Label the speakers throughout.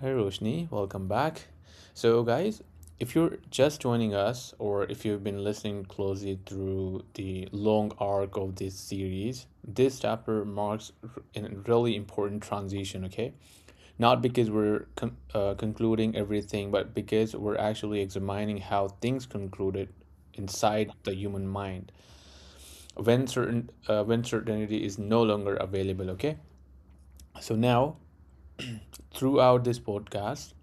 Speaker 1: Hi, Roshni, welcome back. So, guys, if you're just joining us, or if you've been listening closely through the long arc of this series, this chapter marks a really important transition, okay? Not because we're concluding everything, but because we're actually examining how things concluded inside the human mind when certainty is no longer available. Okay, so now throughout this podcast,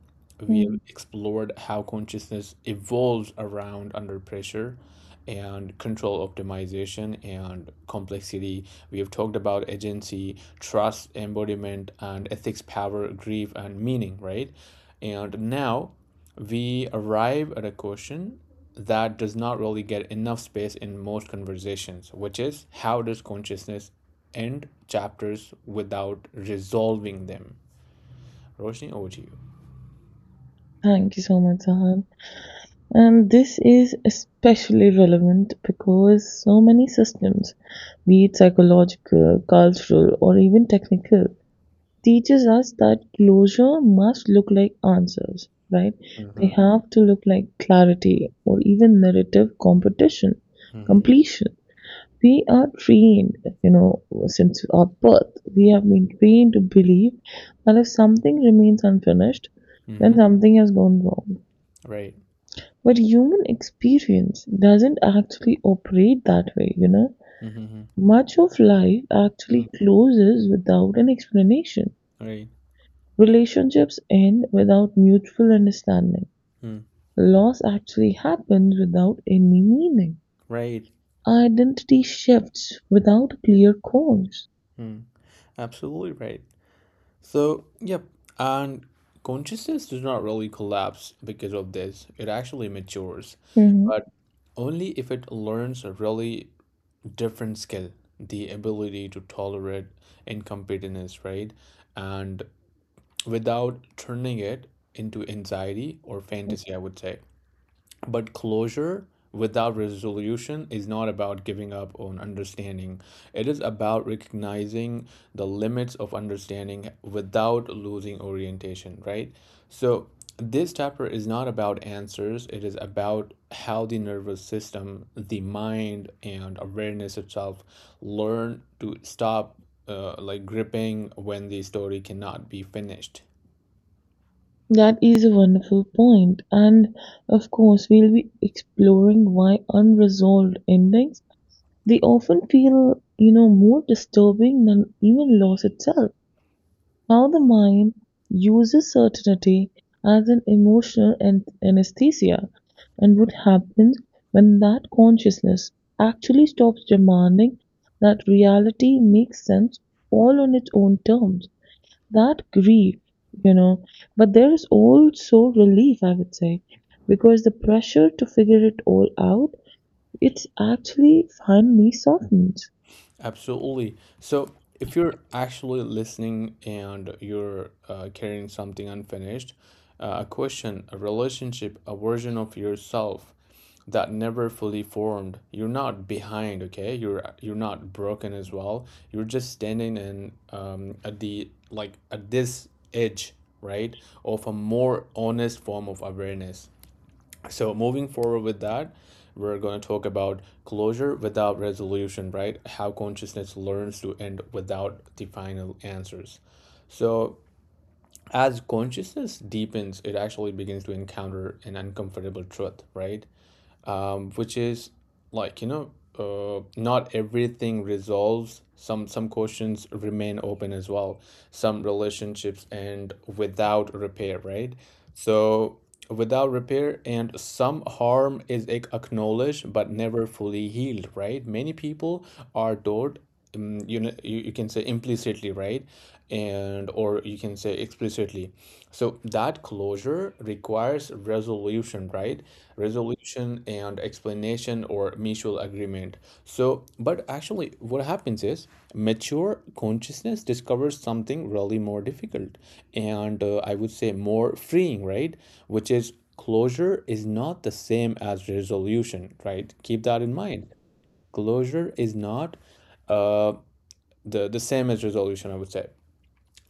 Speaker 1: we
Speaker 2: Mm,
Speaker 1: have explored how consciousness evolves around under pressure and control optimization and complexity. We have talked about agency, trust, embodiment, and ethics, power, grief, and meaning, right? And now we arrive at a question that does not really get enough space in most conversations, which is how does consciousness end chapters without resolving them? Roshni, over to you.
Speaker 2: Thank you so much, Zahan. And this is especially relevant because so many systems, be it psychological, cultural, or even technical, teaches us that closure must look like answers, right? They
Speaker 1: Mm-hmm.
Speaker 2: have to look like clarity or even narrative
Speaker 1: Mm-hmm.
Speaker 2: completion. We are trained, since our birth, we have been trained to believe that if something remains unfinished,
Speaker 1: Mm-hmm.
Speaker 2: then something has gone wrong.
Speaker 1: Right.
Speaker 2: But human experience doesn't actually operate that way.
Speaker 1: Mm-hmm.
Speaker 2: Much of life
Speaker 1: Mm.
Speaker 2: actually closes without an explanation.
Speaker 1: Right.
Speaker 2: Relationships end without mutual understanding.
Speaker 1: Mm.
Speaker 2: Loss actually happens without any meaning.
Speaker 1: Right.
Speaker 2: Identity shifts without clear cause.
Speaker 1: Mm. Absolutely right. So, yep. And consciousness does not really collapse because of this. It actually matures,
Speaker 2: Mhm.
Speaker 1: but only if it learns a really different skill, the ability to tolerate incompetence, right? And without turning it into anxiety or fantasy, I would say. But closure without resolution is not about giving up on understanding. It is about recognizing the limits of understanding without losing orientation, right? So, this chapter is not about answers, it is about how the nervous system, the mind, and awareness itself learn to stop gripping when the story cannot be finished.
Speaker 2: That is a wonderful point, and of course, we'll be exploring why unresolved endings they often feel, more disturbing than even loss itself. Now the mind uses certainty as an emotional anesthesia, and what happens when that consciousness actually stops demanding that reality makes sense all on its own terms? That grief, you know. But there is also relief, I would say, because the pressure to figure it all out, it's actually finally softened.
Speaker 1: Absolutely. So, if you're actually listening and you're carrying something unfinished, a question, a relationship, a version of yourself that never fully formed, you're not behind, okay? You're not broken as well. You're just standing in at the like at this edge, right, of a more honest form of awareness. So moving forward with that, we're going to talk about closure without resolution, right? How consciousness learns to end without the final answers. So as consciousness deepens, it actually begins to encounter an uncomfortable truth, right? Which is like you know not everything resolves, some questions remain open as well, some relationships end without repair, right? So without repair, and some harm is acknowledged but never fully healed, right? Many people are taught you know, you can say implicitly, right, and or you can say explicitly, so that closure requires resolution, right? Resolution and explanation or mutual agreement. So but actually what happens is mature consciousness discovers something really more difficult and I would say more freeing, right? Which is closure is not the same as resolution, right? Keep that in mind. Closure is not uh the same as resolution, I would say.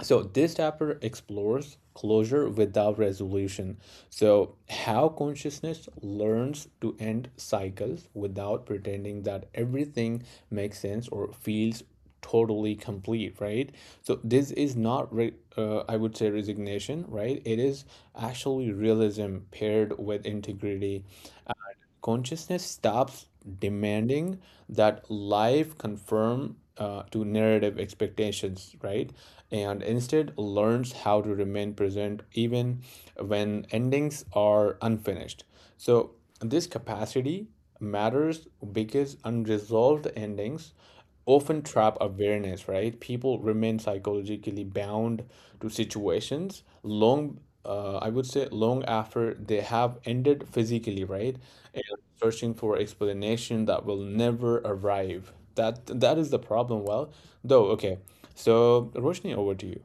Speaker 1: So this chapter explores closure without resolution. So how consciousness learns to end cycles without pretending that everything makes sense or feels totally complete, right? So this is not re- I would say resignation, right? It is actually realism paired with integrity. Consciousness stops demanding that life conform to narrative expectations, right? And instead learns how to remain present even when endings are unfinished. So, this capacity matters because unresolved endings often trap awareness, right? People remain psychologically bound to situations long, long after they have ended physically, right? And searching for explanation that will never arrive. That is the problem. Well, though, okay. So, Roshni, over to you.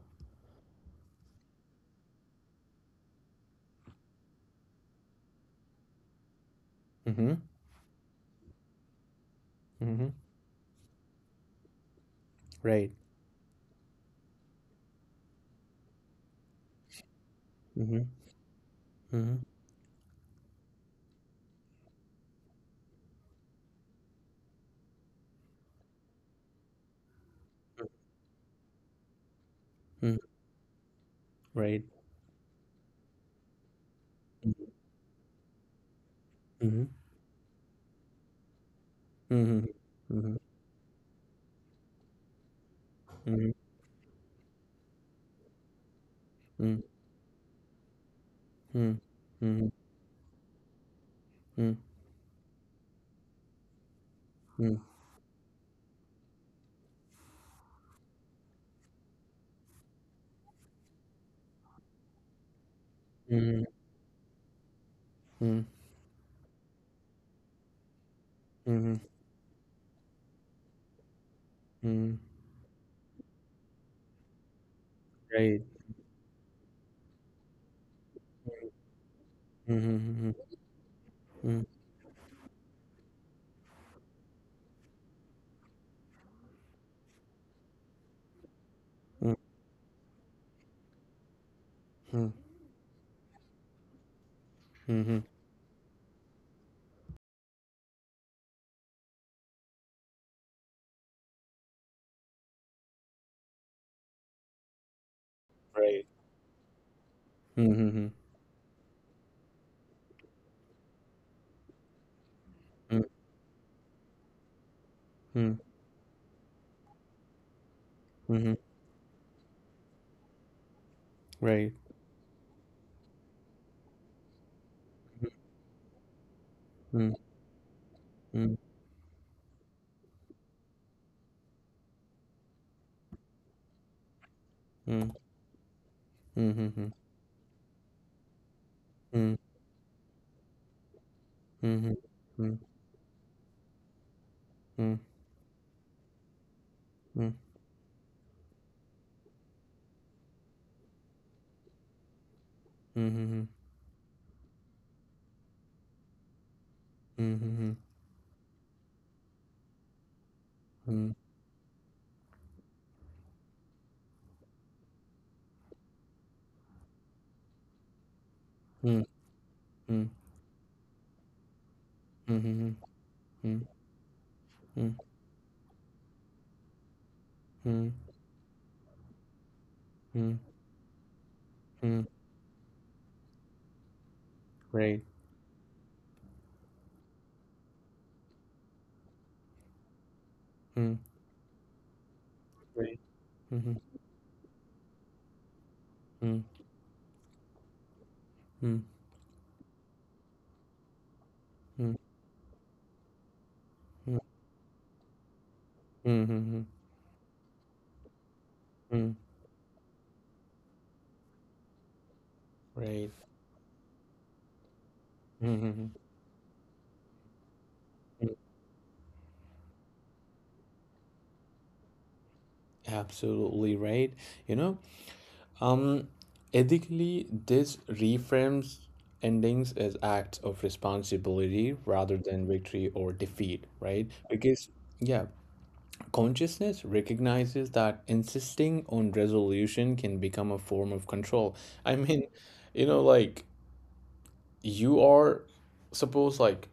Speaker 1: Mm-hmm. Mm-hmm. Right. Mm-hmm. Mm-hmm. Mm-hmm. Right. Mm-hmm. Mm-hmm. Mm-hmm. Mm-hmm. Mm-hmm. Mm-hmm. Mm-hmm. Mm-hmm. Mm-hmm. Mm-hmm. Mm, right. Mm-hmm, mm-hmm, mm, mm, mm-hmm, right. Mm-hmm, mm, Hmm. Mm-hmm, right. Mm, mm, mm, mm, mm, mm, mm, mm, mm, Hmm. Mm, Hmm. Mm, Hmm. Mm, Hmm. Mm, Hmm. Mm, mm, right. Mm, right. Mm-hmm, mm, mm, mm, mm, mm, mm, right. Mm-hmm, absolutely right. You know, Um, Ethically, this reframes endings as acts of responsibility rather than victory or defeat, right? Because, yeah, consciousness recognizes that insisting on resolution can become a form of control. I mean, you know, like you are, suppose, like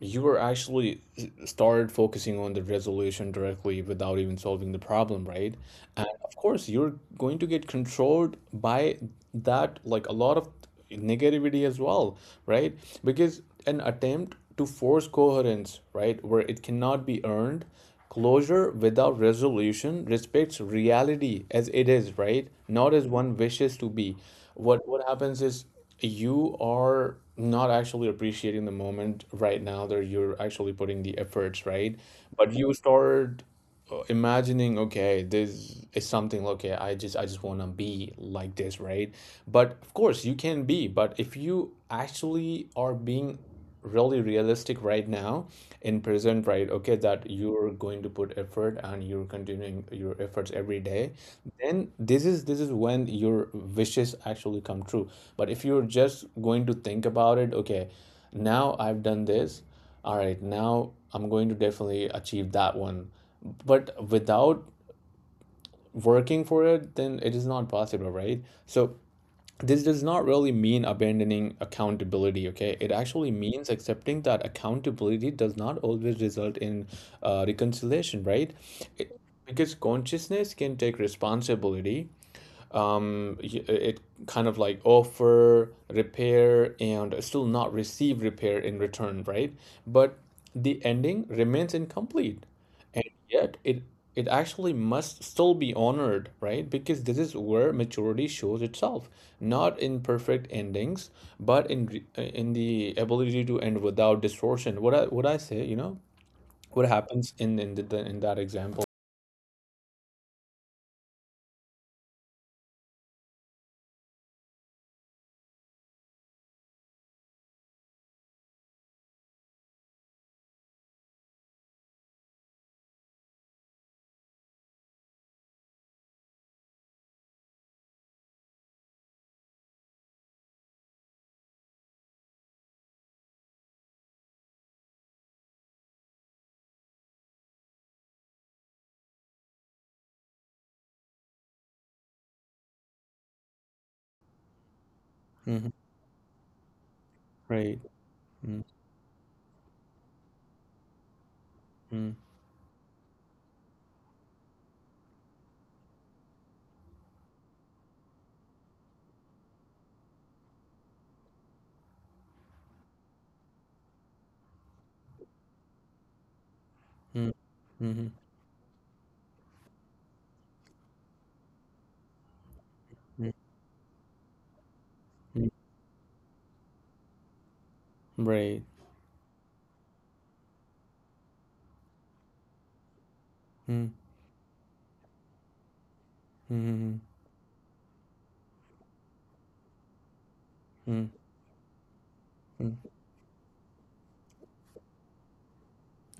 Speaker 1: you were actually started focusing on the resolution directly without even solving the problem, right? And of course, you're going to get controlled by that, like a lot of negativity as well, right? Because an attempt to force coherence, right, where it cannot be earned, closure without resolution respects reality as it is, right? Not as one wishes to be. What happens is you are not actually appreciating the moment right now that you're actually putting the efforts, right? But you start imagining, okay, this is something, okay, I just want to be like this, right? But of course you can be, but if you actually are being really realistic right now in present, right, okay, that you're going to put effort and you're continuing your efforts every day, then this is when your wishes actually come true. But if you're just going to think about it, okay, now I've done this, all right, now I'm going to definitely achieve that one, but without working for it, then it is not possible, right? So this does not really mean abandoning accountability, okay. It actually means accepting that accountability does not always result in reconciliation, right? It- because consciousness can take responsibility, it kind of like offer repair and still not receive repair in return, right? But the ending remains incomplete, and yet it actually must still be honored, right? Because this is where maturity shows itself, not in perfect endings, but in the ability to end without distortion. What I say, you know, what happens in in that example? hmm Right. Mm-hmm. Mm-hmm. Mm-hmm. Right. Mm, mhm, mhm, mm,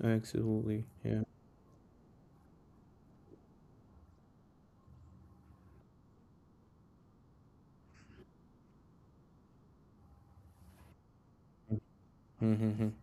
Speaker 1: absolutely, yeah, mm, mhm, mhm.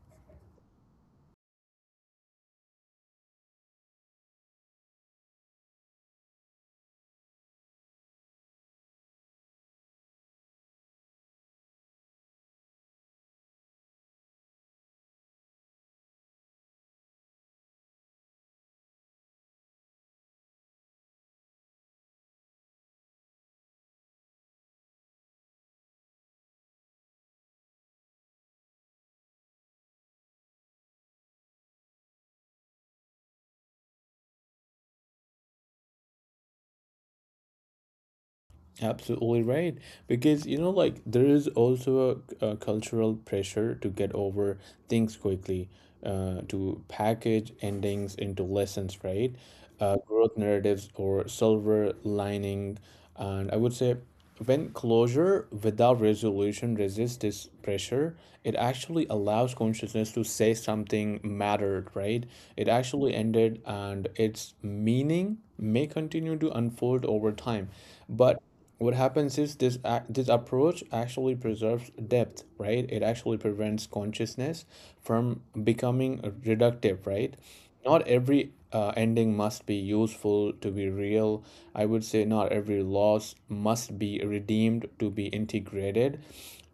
Speaker 1: Absolutely right. Because, you know, like there is also a cultural pressure to get over things quickly, to package endings into lessons, right? Growth narratives or silver lining. And I would say when closure without resolution resists this pressure, it actually allows consciousness to say something mattered, right? It actually ended and its meaning may continue to unfold over time. But what happens is this approach actually preserves depth, right? It actually prevents consciousness from becoming reductive, right? Not every ending must be useful to be real. I would say not every loss must be redeemed to be integrated.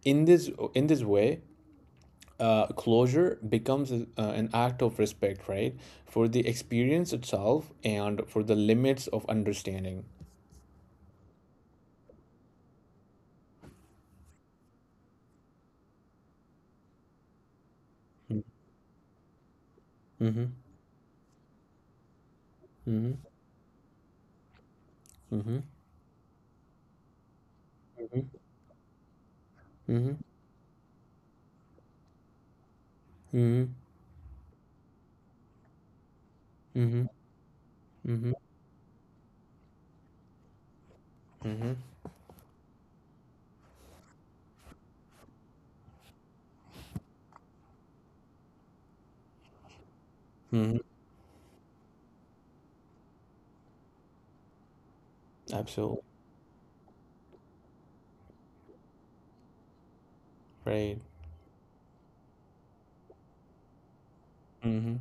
Speaker 1: In this way, closure becomes an act of respect, right, for the experience itself and for the limits of understanding. Mm-hmm. Mm-hmm. Mhm. Mhm. Mhm. Mhm. Mhm. Mhm. Absolutely. Right. Mhm.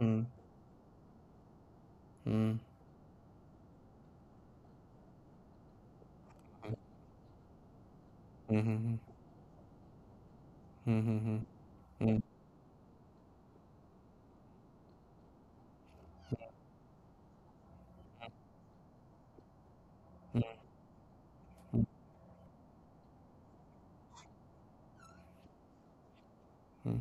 Speaker 1: Mhm. Mhm. Mhm. Mhm. Mhm. Mhm. Mhm.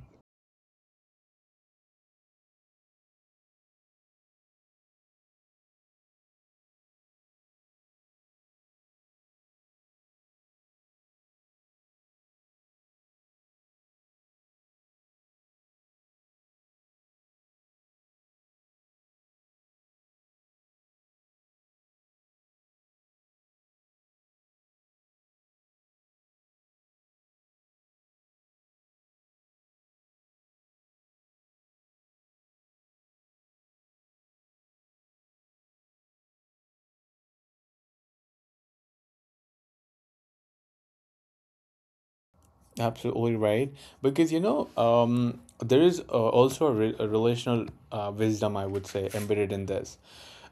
Speaker 1: Absolutely right. Because you know, there is also a, re a relational wisdom, I would say, embedded in this.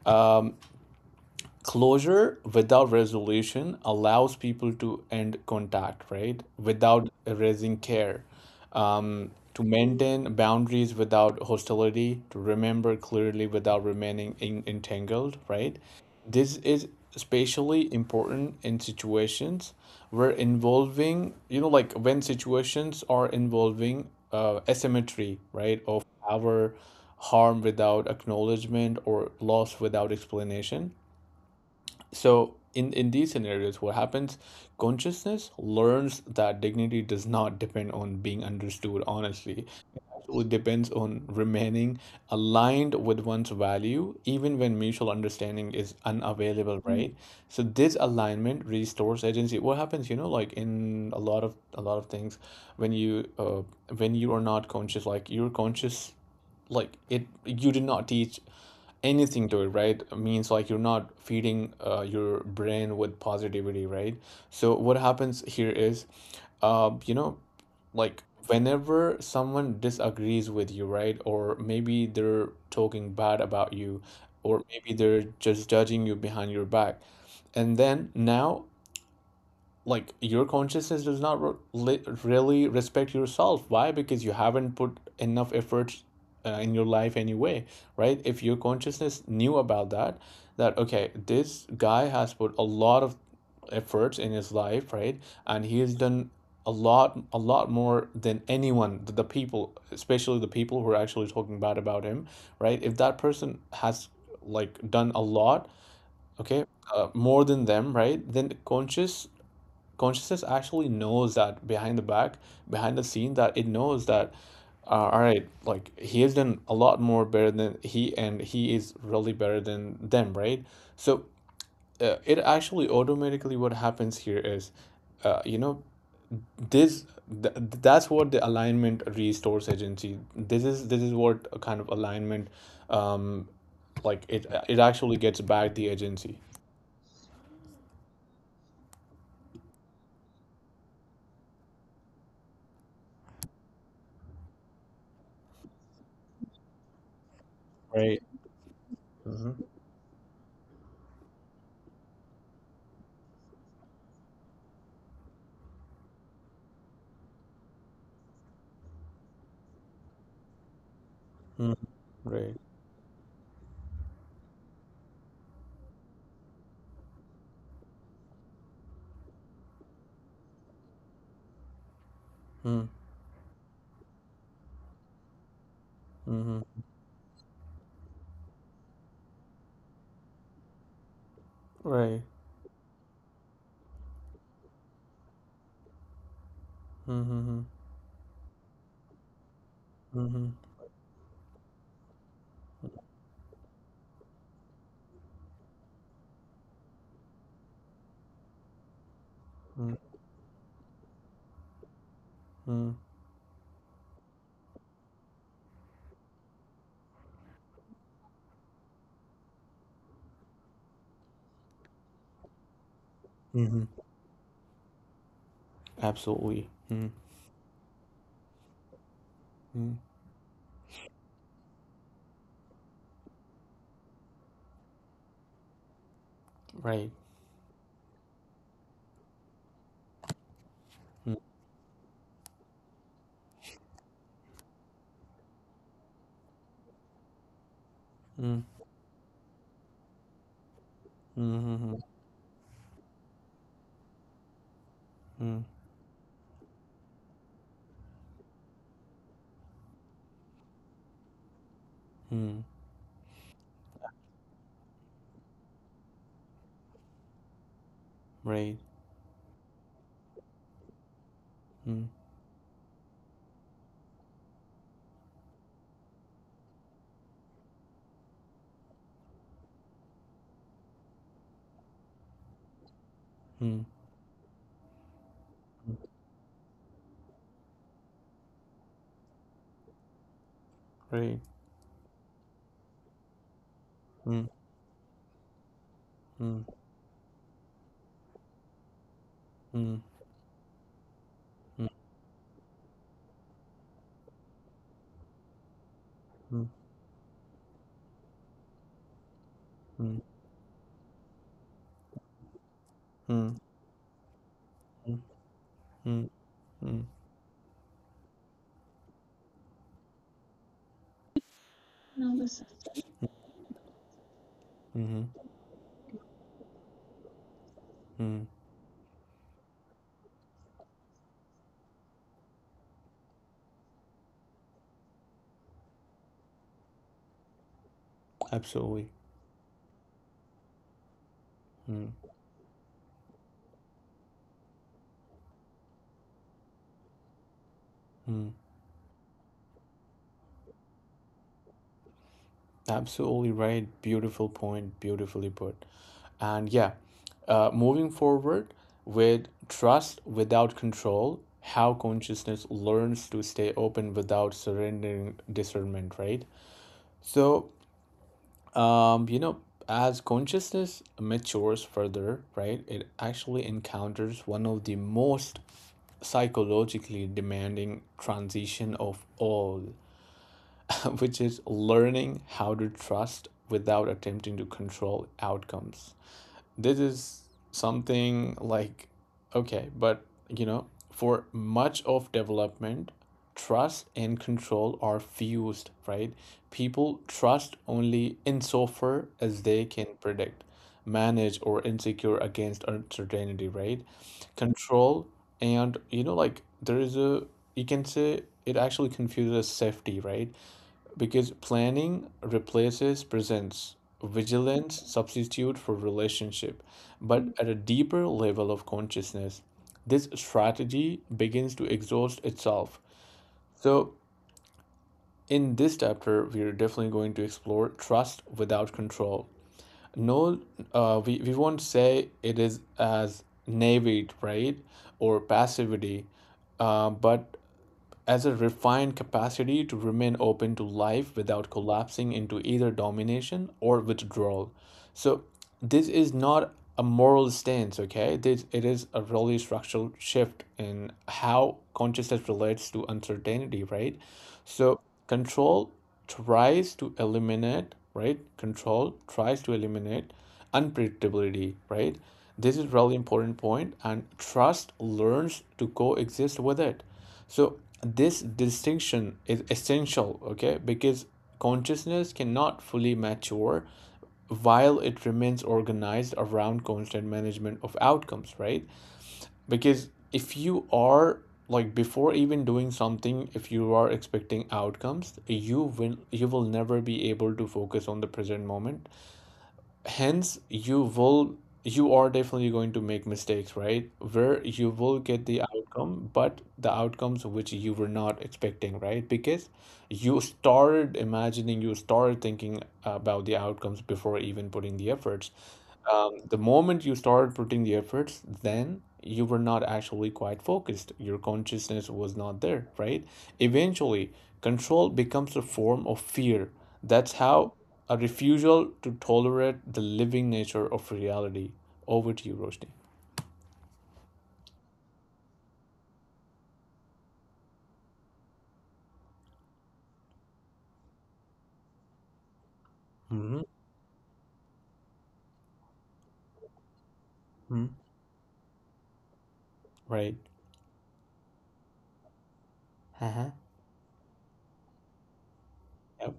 Speaker 1: Um, Closure without resolution allows people to end contact, right, without erasing care, to maintain boundaries without hostility, to remember clearly without remaining entangled, right? This is especially important in situations where involving, you know, like when situations are involving asymmetry, right, of our harm without acknowledgement or loss without explanation. So in these scenarios, what happens? Consciousness learns that dignity does not depend on being understood honestly. It actually depends on remaining aligned with one's value, even when mutual understanding is unavailable, right? So this alignment restores agency. What happens, you know, like in a lot of things, when you uh, when you are not conscious, like you're conscious like it you did not teach anything to it, right? Means like you're not feeding your brain with positivity, right? So what happens here is, you know, like whenever someone disagrees with you, right? Or maybe they're talking bad about you, or maybe they're just judging you behind your back. And then now like your consciousness does not really respect yourself. Why? Because you haven't put enough effort in your life anyway, right? If your consciousness knew about that, that okay, this guy has put a lot of efforts in his life, right, and he has done a lot more than anyone, the people, especially the people who are actually talking bad about him, right? If that person has like done a lot, okay, more than them, right, then the consciousness actually knows that behind the back, behind the scene, that it knows that, all right, like he has done a lot more better than he, and he is really better than them, right? So it actually automatically what happens here is, you know, this th- that's what the alignment restores agency. This is what a kind of alignment, um, like it actually gets back the agency, right? Mm-hmm. Mm-hmm. Right. Mm-hmm. Mm-hmm. Right. Mhm, mhm, mhm, mhm, mhm. Absolutely. Mm, Hmm. Right. Mm, mm, mhm, mhm, mm, right. Mm, Hmm. Mm, right. Mm, mm, Hmm. Mm, Hmm. Mm, Hmm. mm, mm, mm, mhm, mm. Absolutely. Mm, Hmm. Absolutely right. Beautiful point. Beautifully put. And yeah, moving forward with trust without control, how consciousness learns to stay open without surrendering discernment, right? So, um, you know, as consciousness matures further, right, it actually encounters one of the most psychologically demanding transition of all, which is learning how to trust without attempting to control outcomes. This is something like okay but you know for much of development trust and control are fused right people trust only insofar as they can predict manage or insecure against uncertainty right control and you know like there is a you can say it actually confuses safety right because planning replaces presence, vigilance substitute for relationship, but at a deeper level of consciousness, this strategy begins to exhaust itself. So, in this chapter, we are definitely going to explore trust without control. No, we won't say it is as naivete, right, or passivity, but as a refined capacity to remain open to life without collapsing into either domination or withdrawal. So, this is not a moral stance, okay? This, it is a really structural shift in how consciousness relates to uncertainty, right? So, control tries to eliminate, right? Control tries to eliminate unpredictability, right? This is really important point, and trust learns to coexist with it. So this distinction is essential, okay, because consciousness cannot fully mature while it remains organized around constant management of outcomes, right? Because if you are like before even doing something, if you are expecting outcomes, you will never be able to focus on the present moment hence you are definitely going to make mistakes right where you will get the outcome but the outcomes which you were not expecting right because you started imagining you started thinking about the outcomes before even putting the efforts the moment you started putting the efforts, then you were not actually quite focused. Your consciousness was not there, right? Eventually, control becomes a form of fear. That's how a refusal to tolerate the living nature of reality. Over to you, Roshni. Mm-hmm. Hmm. Right. Uh-huh. Yep.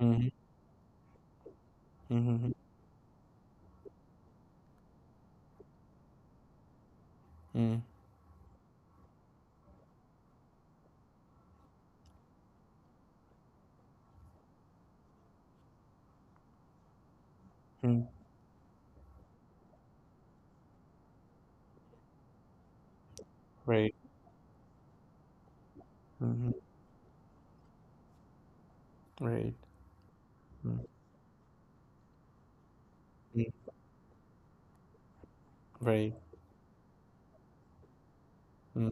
Speaker 1: Mm-hmm. Mm-hmm. Mm-hmm. Mm-hmm. Right. Mm-hmm. Right. Mm-hmm. Mm-hmm. Right. Mm-hmm.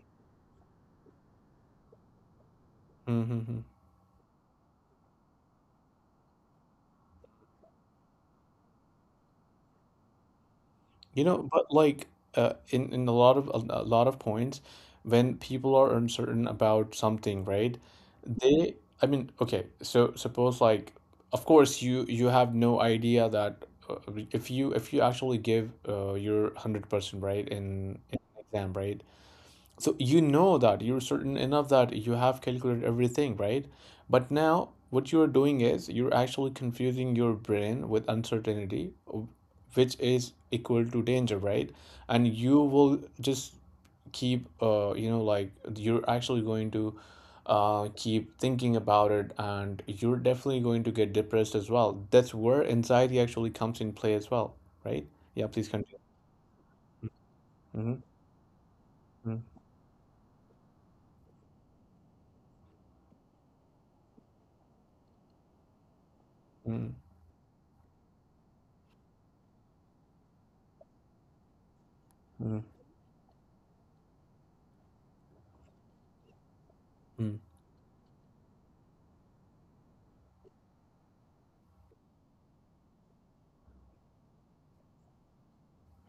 Speaker 1: Mm-hmm. Mm-hmm. But in a lot of points, when people are uncertain about something, right? They, I mean, okay, so suppose like, of course you have no idea that if you actually give your 100% right in an exam, right? So you know that you're certain enough that you have calculated everything, right? But now what you're doing is you're actually confusing your brain with uncertainty, which is equal to danger, right? And you will just keep, you know, like you're actually going to keep thinking about it, and you're definitely going to get depressed as well. That's where anxiety actually comes in play as well, right? Yeah, please continue. Mm-hmm. Mm-hmm. Mm-hmm.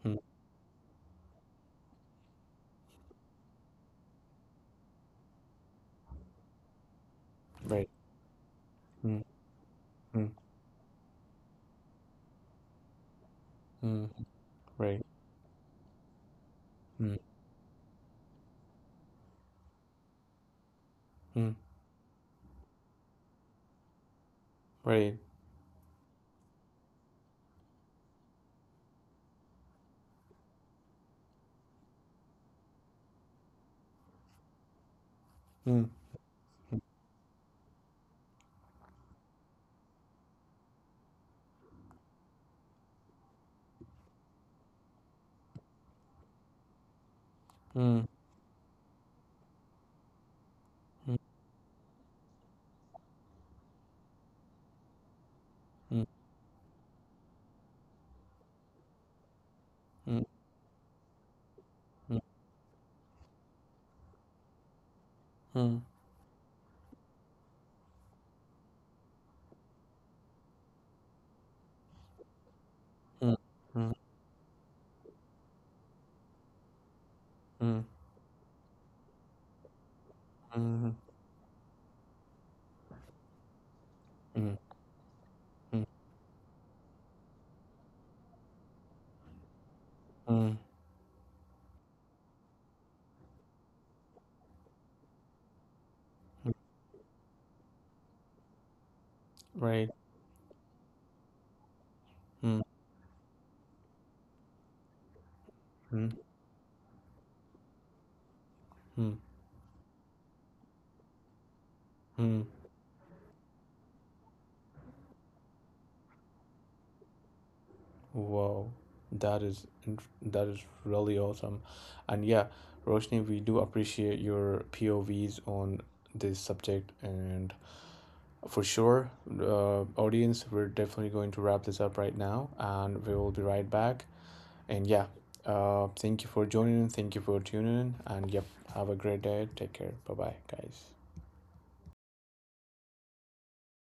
Speaker 1: Mm-hmm. Right. Mm, mm, right. Mm, mm, right. Mm, mm, mm, mm, mm, mm, mm, mm, mm, mm, mm, mm, mm, mm, mm, right. Mm, mm, mm, mm. Wow, that is that is really awesome, and yeah, Roshni, we do appreciate your POVs on this subject, and for sure, audience, we're definitely going to wrap this up right now, and we will be right back. And yeah, thank you for joining. Thank you for tuning in. And yep, have a great day. Take care. Bye bye, guys.